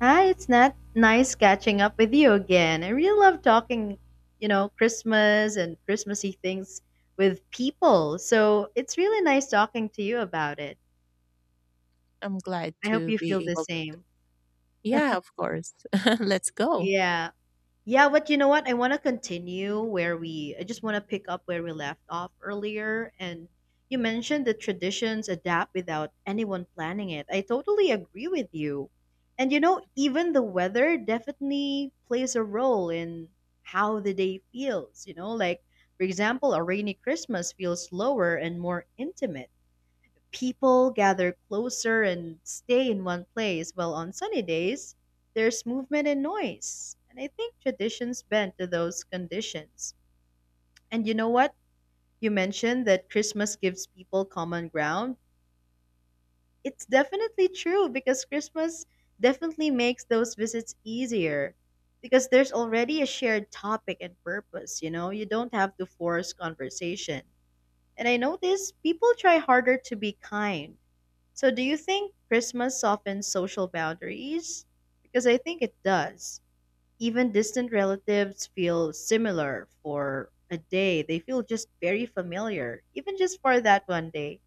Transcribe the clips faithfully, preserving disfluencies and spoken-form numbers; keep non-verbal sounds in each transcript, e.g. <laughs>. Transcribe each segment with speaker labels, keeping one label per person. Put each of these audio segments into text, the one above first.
Speaker 1: Hi, it's not nice catching up with you again. I really love talking, you know, Christmas and Christmassy things with people. So it's really nice talking to you about it.
Speaker 2: I'm glad
Speaker 1: I hope
Speaker 2: to
Speaker 1: you
Speaker 2: be
Speaker 1: feel the
Speaker 2: able to.
Speaker 1: same.
Speaker 2: Yeah, of course. <laughs> Let's go.
Speaker 1: Yeah. Yeah, but you know what? I want to continue where we, I just want to pick up where we left off earlier. And you mentioned that traditions adapt without anyone planning it. I totally agree with you. And you know, even the weather definitely plays a role in how the day feels, you know, like, for example, a rainy Christmas feels slower and more intimate. People gather closer and stay in one place, while on sunny days, there's movement and noise. And I think traditions bend to those conditions. And you know what? You mentioned that Christmas gives people common ground. It's definitely true because Christmas definitely makes those visits easier because there's already a shared topic and purpose, you know? You don't have to force conversation. And I notice people try harder to be kind. So, do you think Christmas softens social boundaries? Because I think it does. Even distant relatives feel similar for a day. They feel just very familiar, even just for that one day.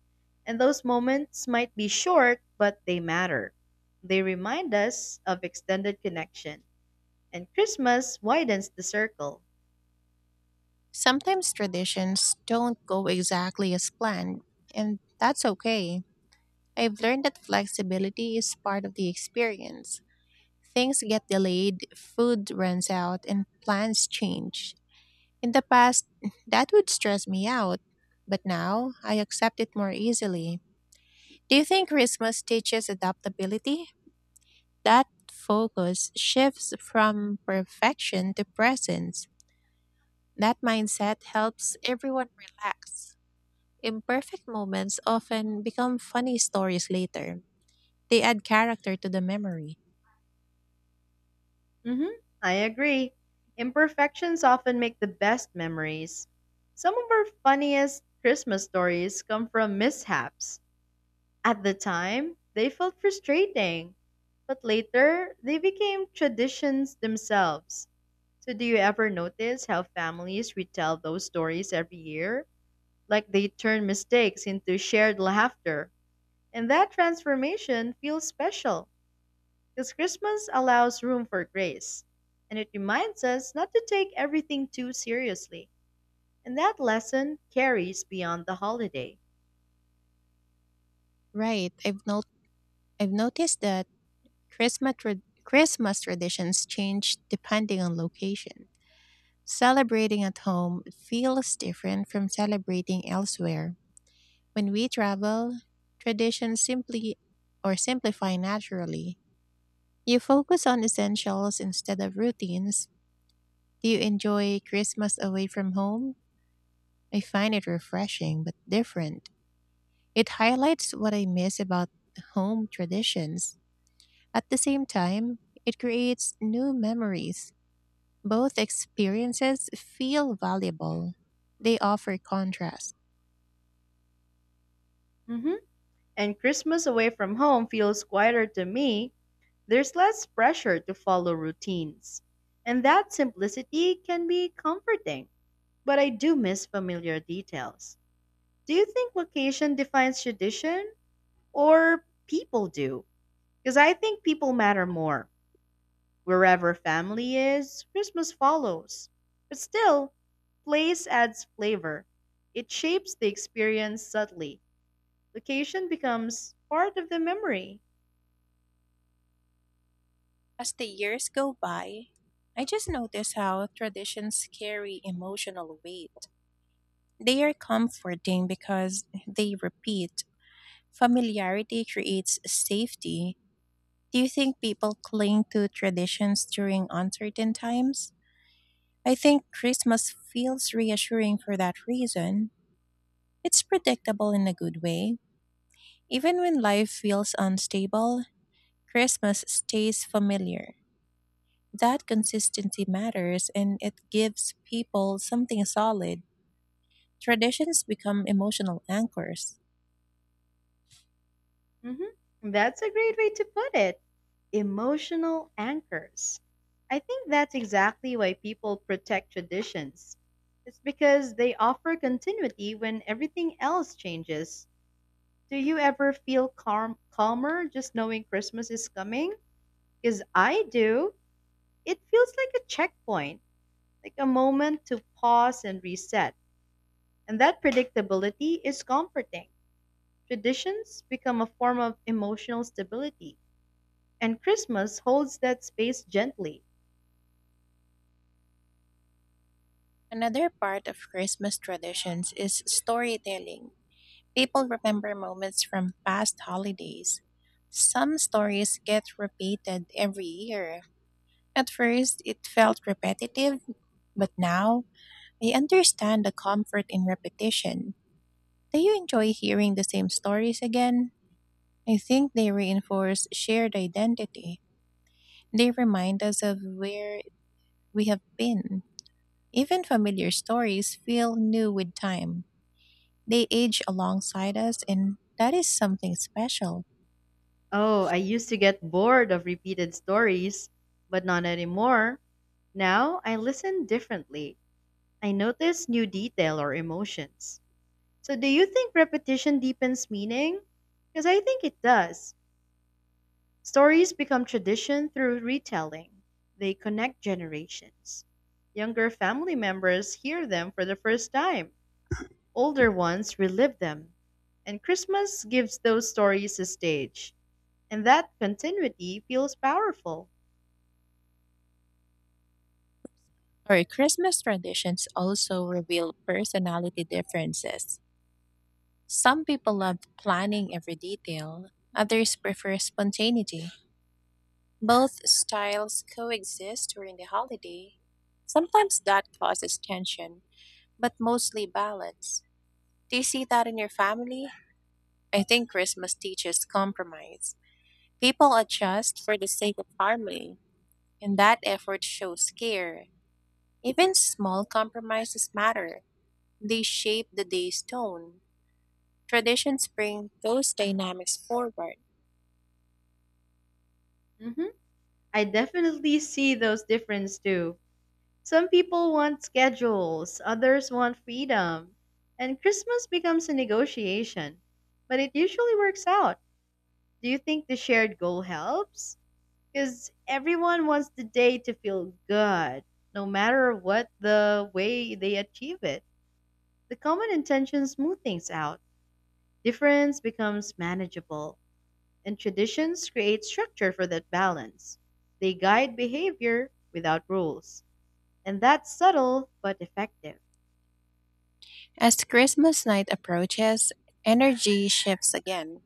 Speaker 1: And those moments might be short, but they matter. They remind us of extended connection. And Christmas widens the circle.
Speaker 2: Sometimes traditions don't go exactly as planned, and that's okay. I've learned that flexibility is part of the experience. Things get delayed, food runs out, and plans change. In the past, <laughs> that would stress me out, but now I accept it more easily. Do you think Christmas teaches adaptability? That focus shifts from perfection to presence. That mindset helps everyone relax. Imperfect moments often become funny stories later. They add character to the memory.
Speaker 1: hmm I agree. Imperfections often make the best memories. Some of our funniest Christmas stories come from mishaps. At the time, they felt frustrating, but later, they became traditions themselves. So, do you ever notice how families retell those stories every year? Like they turn mistakes into shared laughter. And that transformation feels special. Because Christmas allows room for grace, and it reminds us not to take everything too seriously. And that lesson carries beyond the holiday.
Speaker 2: Right. I've not I've noticed that Christmas tra- Christmas traditions change depending on location. Celebrating at home feels different from celebrating elsewhere. When we travel, traditions simply or simplify naturally. You focus on essentials instead of routines. Do you enjoy Christmas away from home? I find it refreshing but different. It highlights what I miss about home traditions. At the same time, it creates new memories. Both experiences feel valuable. They offer contrast.
Speaker 1: Mhm. And Christmas away from home feels quieter to me. There's less pressure to follow routines. And that simplicity can be comforting. But I do miss familiar details. Do you think location defines tradition or people do? Because I think people matter more. Wherever family is, Christmas follows. But still, place adds flavor. It shapes the experience subtly. Location becomes part of the memory.
Speaker 2: As the years go by, I just notice how traditions carry emotional weight. They are comforting because they repeat. Familiarity creates safety. Do you think people cling to traditions during uncertain times? I think Christmas feels reassuring for that reason. It's predictable in a good way. Even when life feels unstable, Christmas stays familiar. That consistency matters, and it gives people something solid. Traditions become emotional anchors.
Speaker 1: Mhm. That's a great way to put it. Emotional anchors. I think that's exactly why people protect traditions. It's because they offer continuity when everything else changes. Do you ever feel calm, calmer just knowing Christmas is coming? Because I do. It feels like a checkpoint, like a moment to pause and reset. And that predictability is comforting. Traditions become a form of emotional stability, and Christmas holds that space gently.
Speaker 2: Another part of Christmas traditions is storytelling. People remember moments from past holidays. Some stories get repeated every year. At first, it felt repetitive, but now I understand the comfort in repetition. Do you enjoy hearing the same stories again? I think they reinforce shared identity. They remind us of where we have been. Even familiar stories feel new with time. They age alongside us, and that is something special.
Speaker 1: Oh, I used to get bored of repeated stories, but not anymore. Now I listen differently. I notice new detail or emotions. So, do you think repetition deepens meaning? Because I think it does. Stories become tradition through retelling. They connect generations. Younger family members hear them for the first time, older ones relive them. And Christmas gives those stories a stage, and that continuity feels powerful.
Speaker 2: Our Christmas traditions also reveal personality differences. Some people love planning every detail, others prefer spontaneity. Both styles coexist during the holiday. Sometimes that causes tension, but mostly balance. Do you see that in your family? I think Christmas teaches compromise. People adjust for the sake of harmony, and that effort shows care. Even small compromises matter. They shape the day's tone. Traditions bring those dynamics forward.
Speaker 1: hmm I definitely see those differences too. Some people want schedules, others want freedom, and Christmas becomes a negotiation. But it usually works out. Do you think the shared goal helps? Because everyone wants the day to feel good, no matter what the way they achieve it. The common intentions smooth things out, difference becomes manageable, and traditions create structure for that balance. They guide behavior without rules, and that's subtle but effective.
Speaker 2: As Christmas night approaches, energy shifts again.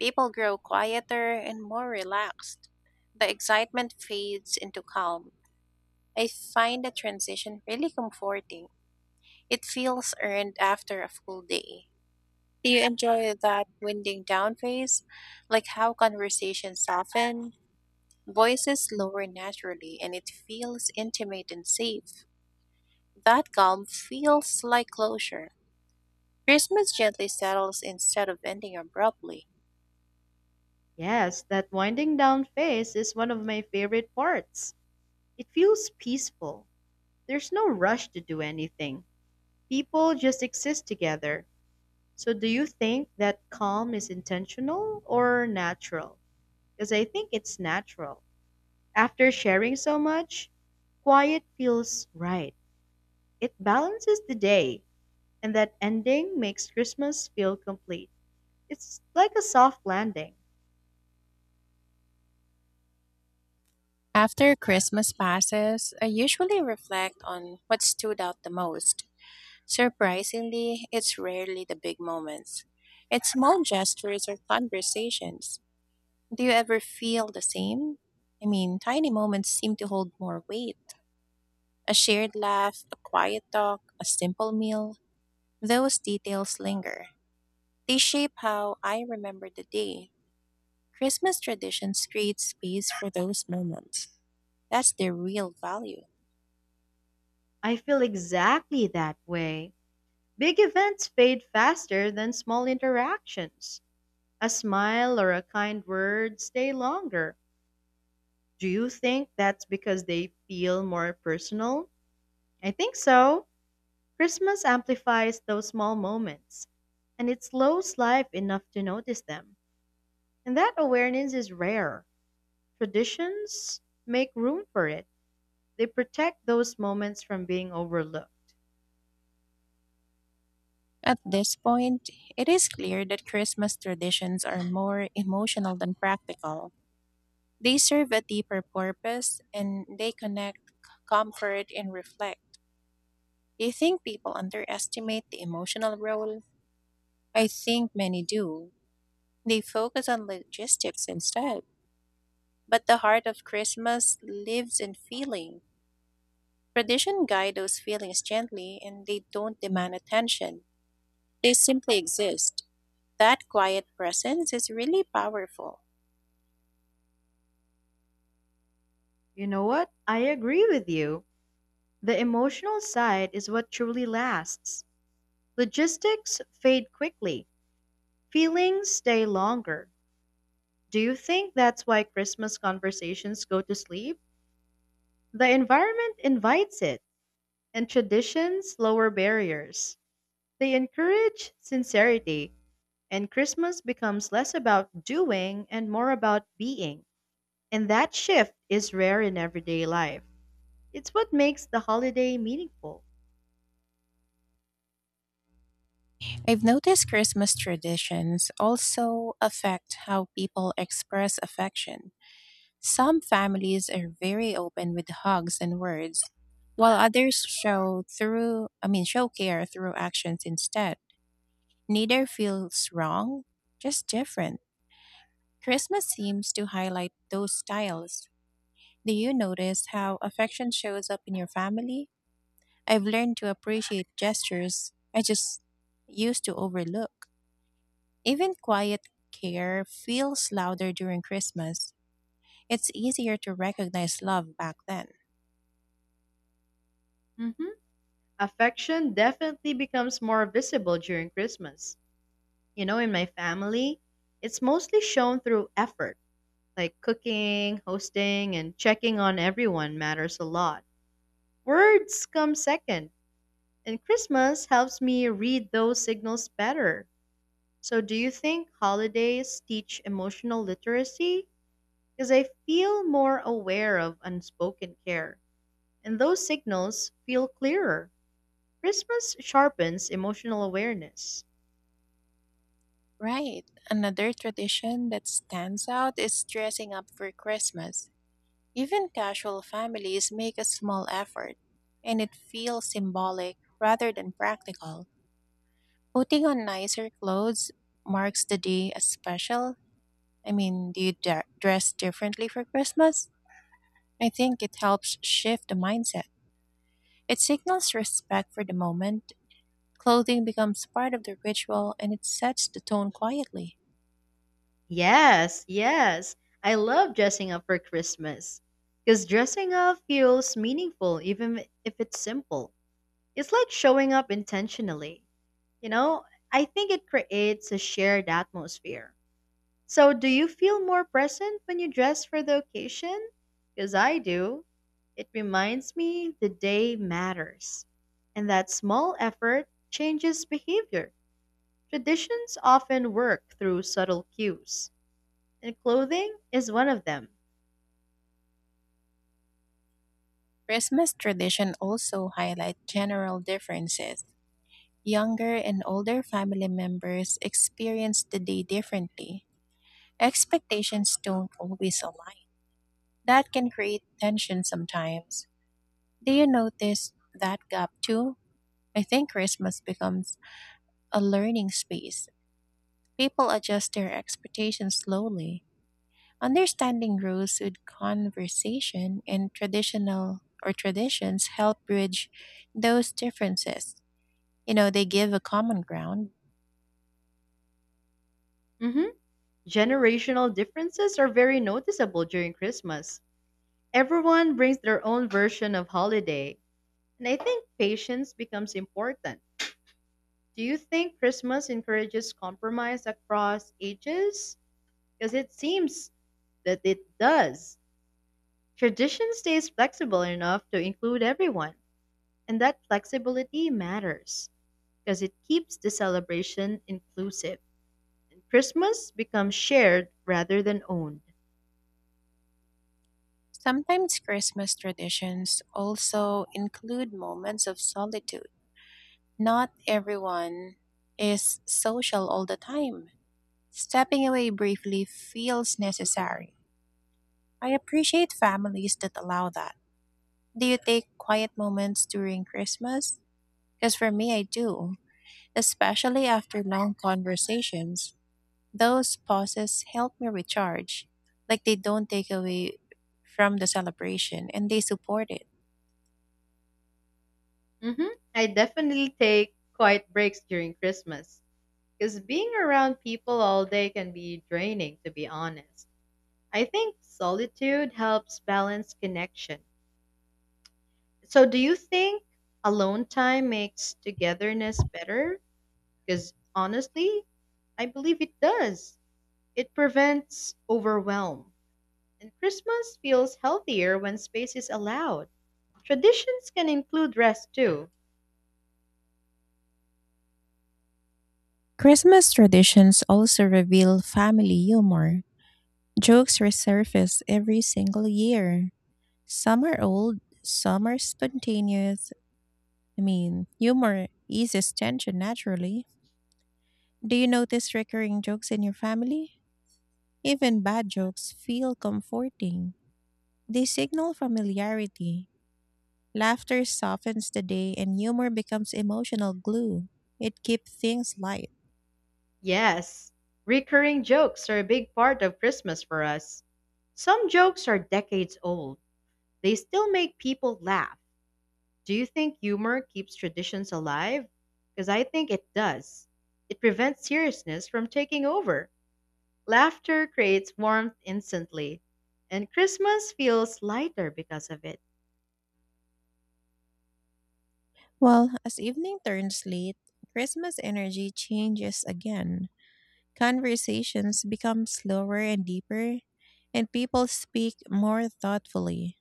Speaker 2: People grow quieter and more relaxed. The excitement fades into calm. I find the transition really comforting. It feels earned after a full day. Do you enjoy that winding down phase? Like how conversations soften? Voices lower naturally, and it feels intimate and safe. That calm feels like closure. Christmas gently settles instead of ending abruptly.
Speaker 1: Yes, that winding down phase is one of my favorite parts. It feels peaceful. There's no rush to do anything. People just exist together. So, do you think that calm is intentional or natural? Because I think it's natural. After sharing so much, quiet feels right. It balances the day, and that ending makes Christmas feel complete. It's like a soft landing.
Speaker 2: After Christmas passes, I usually reflect on what stood out the most. Surprisingly, it's rarely the big moments. It's small gestures or conversations. Do you ever feel the same? I mean, tiny moments seem to hold more weight. A shared laugh, a quiet talk, a simple meal, those details linger. They shape how I remember the day. Christmas traditions create space for those moments. That's their real value.
Speaker 1: I feel exactly that way. Big events fade faster than small interactions. A smile or a kind word stay longer. Do you think that's because they feel more personal? I think so. Christmas amplifies those small moments, and it slows life enough to notice them. And that awareness is rare. Traditions make room for it, they protect those moments from being overlooked.
Speaker 2: At this point, it is clear that Christmas traditions are more emotional than practical. They serve a deeper purpose, and they connect, comfort, and reflect. Do you think people underestimate the emotional role? I think many do. They focus on logistics instead. But the heart of Christmas lives in feeling. Tradition guide those feelings gently, and they don't demand attention. They simply exist. That quiet presence is really powerful.
Speaker 1: You know what? I agree with you. The emotional side is what truly lasts. Logistics fade quickly, feelings stay longer. Do you think that's why Christmas conversations go to sleep? The environment invites it and traditions lower barriers. They encourage sincerity, and Christmas becomes less about doing and more about being. And that shift is rare in everyday life. It's what makes the holiday meaningful.
Speaker 2: I've noticed Christmas traditions also affect how people express affection. Some families are very open with hugs and words, while others show through I mean show care through actions instead. Neither feels wrong, just different. Christmas seems to highlight those styles. Do you notice how affection shows up in your family? I've learned to appreciate gestures I just used to overlook. Even quiet care feels louder during Christmas. It's easier to recognize love back then.
Speaker 1: Mhm. Affection definitely becomes more visible during Christmas. You know, in my family, it's mostly shown through effort, like cooking, hosting, and checking on everyone matters a lot. Words come second. And Christmas helps me read those signals better. So, do you think holidays teach emotional literacy? Because I feel more aware of unspoken care, and those signals feel clearer. Christmas sharpens emotional awareness.
Speaker 2: Right. Another tradition that stands out is dressing up for Christmas. Even casual families make a small effort, and it feels symbolic rather than practical. Putting on nicer clothes marks the day as special. I mean, do you dre- dress differently for Christmas? I think it helps shift the mindset. It signals respect for the moment. Clothing becomes part of the ritual, and it sets the tone quietly.
Speaker 1: Yes, yes. I love dressing up for Christmas. Because dressing up feels meaningful even if it's simple. It's like showing up intentionally. You know, I think it creates a shared atmosphere. So, do you feel more present when you dress for the occasion? Because I do. It reminds me the day matters. And that small effort changes behavior. Traditions often work through subtle cues, and clothing is one of them.
Speaker 2: Christmas tradition also highlight general differences. Younger and older family members experience the day differently. Expectations don't always align. That can create tension sometimes. Do you notice that gap too? I think Christmas becomes a learning space. People adjust their expectations slowly. Understanding rules with conversation, and traditional or traditions help bridge those differences. You know, they give a common ground.
Speaker 1: hmm Generational differences are very noticeable during Christmas. Everyone brings their own version of holiday, and I think patience becomes important. Do you think Christmas encourages compromise across ages? Because it seems that it does. Tradition stays flexible enough to include everyone, and that flexibility matters because it keeps the celebration inclusive. Christmas becomes shared rather than owned.
Speaker 2: Sometimes Christmas traditions also include moments of solitude. Not everyone is social all the time. Stepping away briefly feels necessary. I appreciate families that allow that. Do you take quiet moments during Christmas? Because for me, I do, especially after long conversations. Those pauses help me recharge, like they don't take away from the celebration, and they support it.
Speaker 1: hmm I definitely take quiet breaks during Christmas because being around people all day can be draining, to be honest. I think solitude helps balance connection. So, do you think alone time makes togetherness better? Because honestly, I believe it does. It prevents overwhelm. And Christmas feels healthier when space is allowed. Traditions can include rest too.
Speaker 2: Christmas traditions also reveal family humor. Jokes resurface every single year. Some are old, some are spontaneous, I mean, humor eases tension naturally. Do you notice recurring jokes in your family? Even bad jokes feel comforting. They signal familiarity. Laughter softens the day, and humor becomes emotional glue. It keeps things light.
Speaker 1: Yes, recurring jokes are a big part of Christmas for us. Some jokes are decades old, they still make people laugh. Do you think humor keeps traditions alive? Because I think it does. It prevents seriousness from taking over. Laughter creates warmth instantly. And Christmas feels lighter because of it.
Speaker 2: Well, as evening turns late, Christmas energy changes again. Conversations become slower and deeper, and people speak more thoughtfully.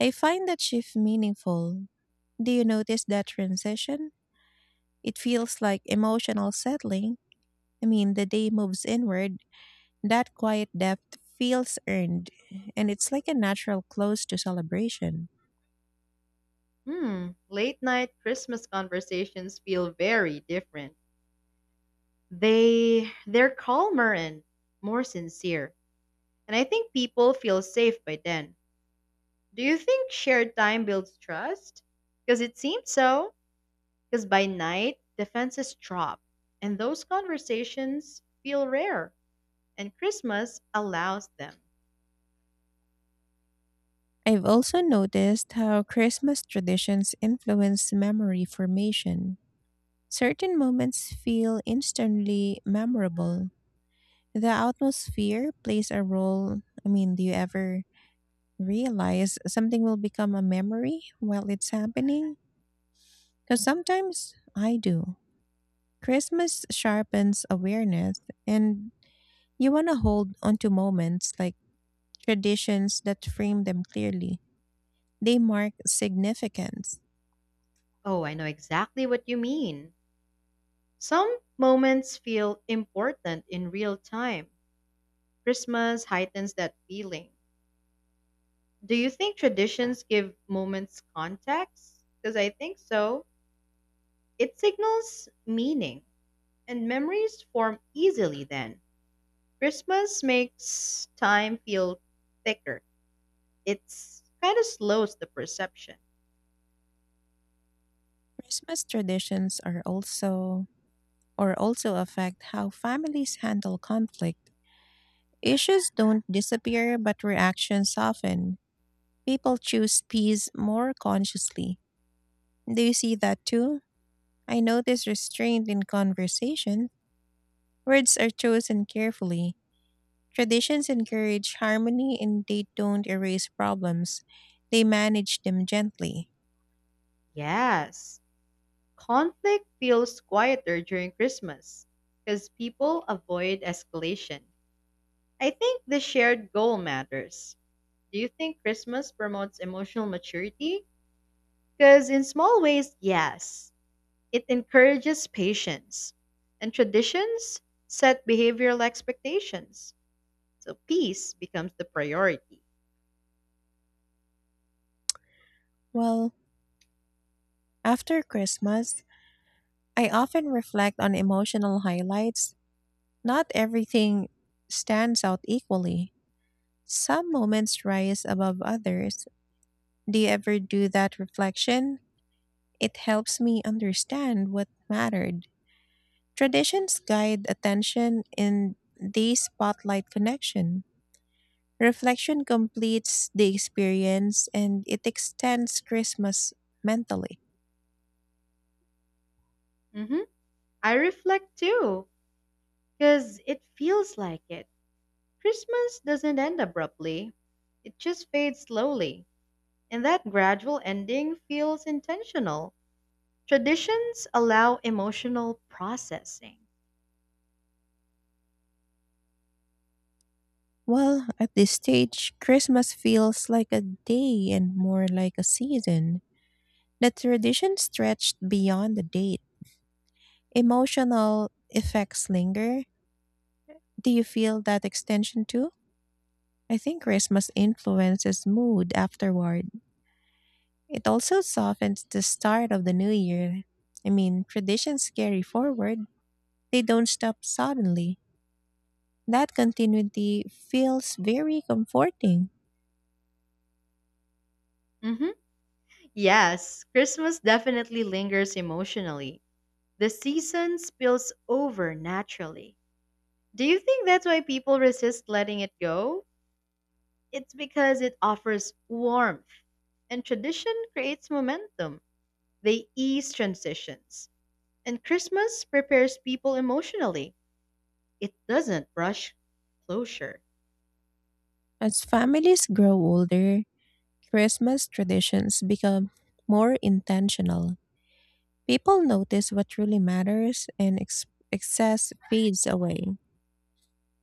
Speaker 2: I find that shift meaningful. Do you notice that transition? It feels like emotional settling. I mean, the day moves inward. That quiet depth feels earned, and it's like a natural close to celebration.
Speaker 1: Hmm, late night Christmas conversations feel very different. They they're calmer and more sincere. And I think people feel safe by then. Do you think shared time builds trust? Because it seems so. Because by night, defenses drop, and those conversations feel rare, and Christmas allows them.
Speaker 2: I've also noticed how Christmas traditions influence memory formation. Certain moments feel instantly memorable. The atmosphere plays a role. I mean, do you ever realize something will become a memory while it's happening? Because sometimes I do. Christmas sharpens awareness, and you want to hold onto moments like traditions that frame them clearly. They mark significance.
Speaker 1: Oh, I know exactly what you mean. Some moments feel important in real time. Christmas heightens that feeling. Do you think traditions give moments context? Because I think so. It signals meaning, and memories form easily then. Christmas makes time feel thicker. It's kind of slows the perception.
Speaker 2: Christmas traditions are also or also affect how families handle conflict. Issues don't disappear, but reactions soften. People choose peace more consciously. Do you see that too? I notice restraint in conversation. Words are chosen carefully. Traditions encourage harmony, and they don't erase problems. They manage them gently.
Speaker 1: Yes, conflict feels quieter during Christmas because people avoid escalation. I think the shared goal matters. Do you think Christmas promotes emotional maturity? Because in small ways, yes, it encourages patience. And traditions set behavioral expectations. So peace becomes the priority.
Speaker 2: Well, after Christmas, I often reflect on emotional highlights. Not everything stands out equally. Some moments rise above others. Do you ever do that reflection? It helps me understand what mattered. Traditions guide attention, and they spotlight connection. Reflection completes the experience, and it extends Christmas mentally.
Speaker 1: hmm I reflect too because it feels like it. Christmas doesn't end abruptly, it just fades slowly, and that gradual ending feels intentional. Traditions allow emotional processing.
Speaker 2: Well, at this stage, Christmas feels like a day and more like a season. The tradition stretched beyond the date. Emotional effects linger. Do you feel that extension too? I think Christmas influences mood afterward. It also softens the start of the new year. I mean, traditions carry forward, they don't stop suddenly. That continuity feels very comforting.
Speaker 1: hmm Yes, Christmas definitely lingers emotionally. The season spills over naturally. Do you think that's why people resist letting it go? It's because it offers warmth, and tradition creates momentum. They ease transitions. And Christmas prepares people emotionally. It doesn't rush closure.
Speaker 2: As families grow older, Christmas traditions become more intentional. People notice what truly matters, and ex- excess fades away.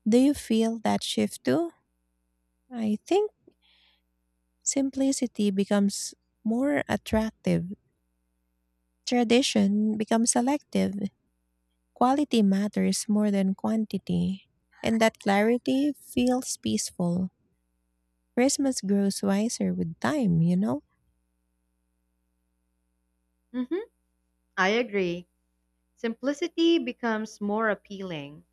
Speaker 2: Do you feel that shift too? I think simplicity becomes more attractive. Tradition becomes selective. Quality matters more than quantity, and that clarity feels peaceful. Christmas grows wiser with time, you know?
Speaker 1: hmm I agree. Simplicity becomes more appealing.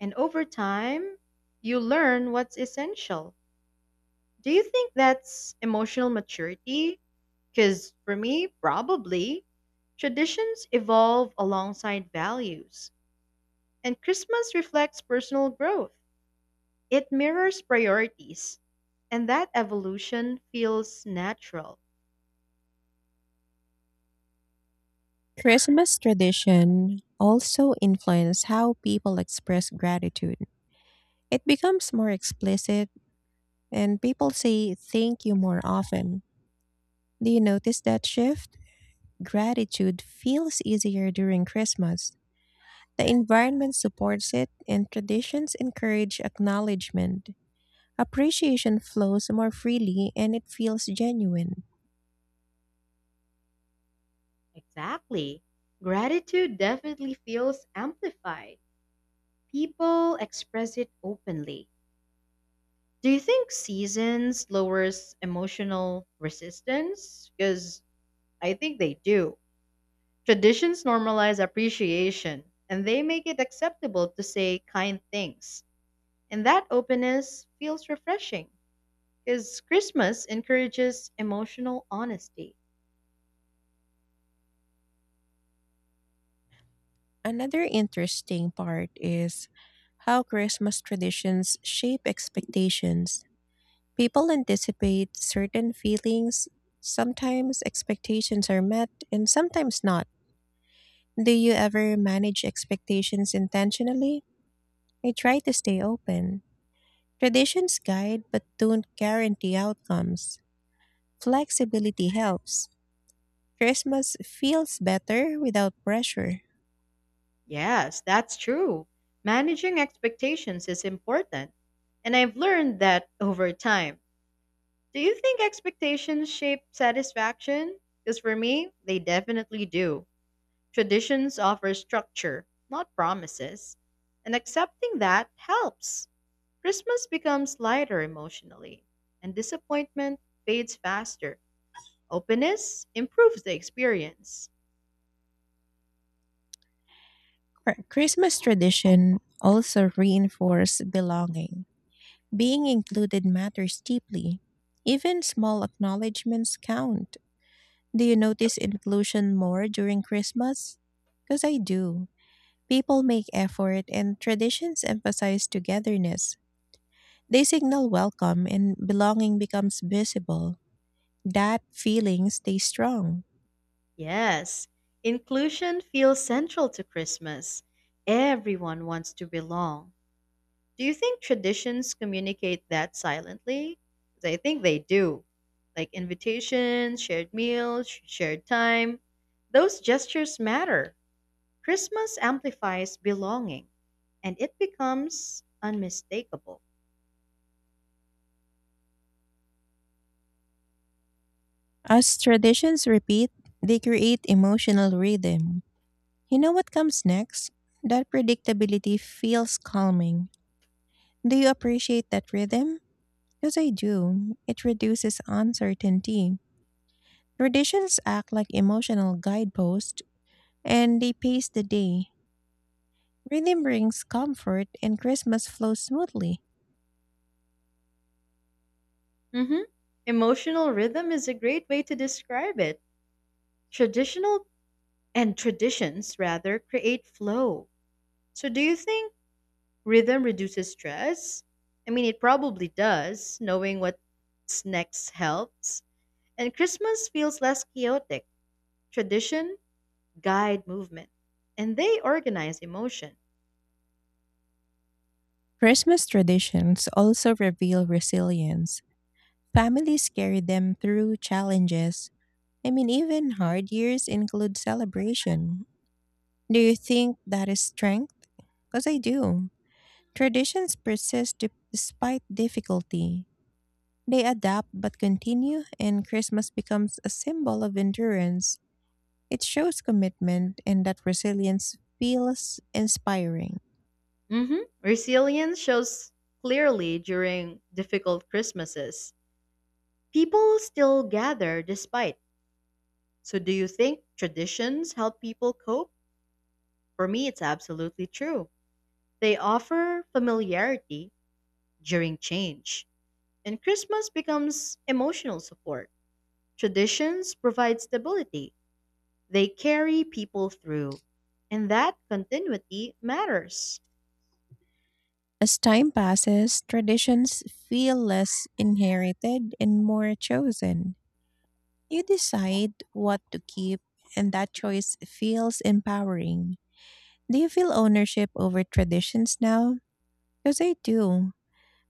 Speaker 1: And over time, you learn what's essential. Do you think that's emotional maturity? Because for me, probably. Traditions evolve alongside values, and Christmas reflects personal growth. It mirrors priorities, and that evolution feels natural.
Speaker 2: Christmas tradition also influence how people express gratitude. It becomes more explicit, and people say thank you more often. Do you notice that shift? Gratitude feels easier during Christmas. The environment supports it, and traditions encourage acknowledgement. Appreciation flows more freely, and it feels genuine.
Speaker 1: Exactly. Gratitude definitely feels amplified. People express it openly. Do you think seasons lowers emotional resistance? Because I think they do. Traditions normalize appreciation and they make it acceptable to say kind things. And that openness feels refreshing because Christmas encourages emotional honesty.
Speaker 2: Another interesting part is how Christmas traditions shape expectations. People anticipate certain feelings. Sometimes expectations are met and sometimes not. Do you ever manage expectations intentionally? I try to stay open. Traditions guide but don't guarantee outcomes. Flexibility helps. Christmas feels better without pressure.
Speaker 1: Yes, that's true. Managing expectations is important. And I've learned that over time. Do you think expectations shape satisfaction? Because for me, they definitely do. Traditions offer structure, not promises. And accepting that helps. Christmas becomes lighter emotionally, and disappointment fades faster. Openness improves the experience.
Speaker 2: Cr- Christmas tradition also reinforce belonging. Being included matters deeply. Even small acknowledgments count. Do you notice inclusion more during Christmas? Because I do. People make effort, and traditions emphasize togetherness. They signal welcome, and belonging becomes visible. That feeling stays strong.
Speaker 1: Yes, inclusion feels central to Christmas. Everyone wants to belong. Do you think traditions communicate that silently? 'Cause I think they do. Like invitations, shared meals, sh- shared time. Those gestures matter. Christmas amplifies belonging and it becomes unmistakable.
Speaker 2: As traditions repeat, they create emotional rhythm. You know what comes next? That predictability feels calming. Do you appreciate that rhythm? Because I do. It reduces uncertainty. Traditions act like emotional guideposts, and they pace the day. Rhythm brings comfort, and Christmas flows smoothly.
Speaker 1: hmm Emotional rhythm is a great way to describe it. Traditional and Traditions, rather, create flow. So, do you think rhythm reduces stress? I mean, it probably does. Knowing what's next helps. And Christmas feels less chaotic. Tradition guide movement, and they organize emotion.
Speaker 2: Christmas traditions also reveal resilience. Families carry them through challenges. I mean, even hard years include celebration. Do you think that is strength? Because I do. Traditions persist de- despite difficulty. They adapt but continue, and Christmas becomes a symbol of endurance. It shows commitment, and that resilience feels inspiring.
Speaker 1: hmm Resilience shows clearly during difficult Christmases. People still gather despite. So, do you think traditions help people cope? For me, it's absolutely true. They offer familiarity during change and Christmas becomes emotional support. Traditions provide stability, they carry people through, and that continuity matters.
Speaker 2: As time passes, traditions feel less inherited and more chosen. You decide what to keep, and that choice feels empowering. Do you feel ownership over traditions now? Because I do.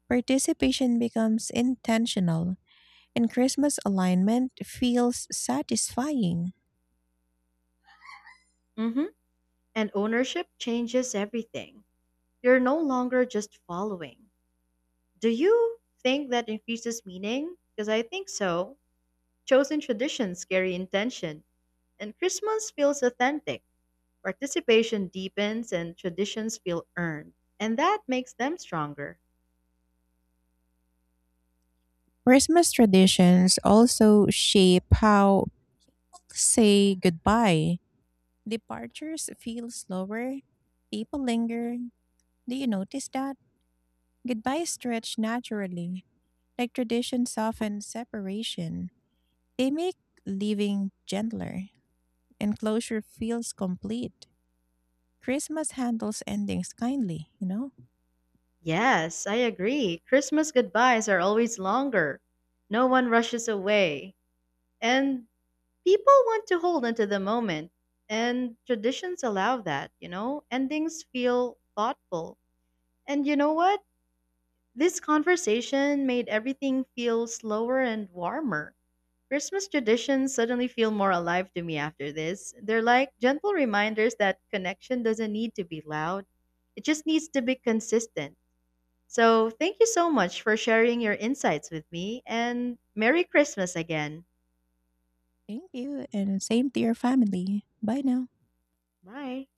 Speaker 2: Participation becomes intentional, and Christmas alignment feels satisfying.
Speaker 1: Mhm. And ownership changes everything. You're no longer just following. Do you think that increases meaning? Because I think so. Chosen traditions carry intention, and Christmas feels authentic. Participation deepens, and traditions feel earned, and that makes them stronger.
Speaker 2: Christmas traditions also shape how people say goodbye. Departures feel slower, people linger. Do you notice that? Goodbyes stretch naturally, like tradition soften separation. They make leaving gentler, and closure feels complete. Christmas handles endings kindly, you know?
Speaker 1: Yes, I agree. Christmas goodbyes are always longer. No one rushes away, and people want to hold onto the moment. And traditions allow that, you know? Endings feel thoughtful. And you know what? This conversation made everything feel slower and warmer. Christmas traditions suddenly feel more alive to me after this. They're like gentle reminders that connection doesn't need to be loud, it just needs to be consistent. So, thank you so much for sharing your insights with me and Merry Christmas again.
Speaker 2: Thank you, and same to your family. Bye now.
Speaker 1: Bye.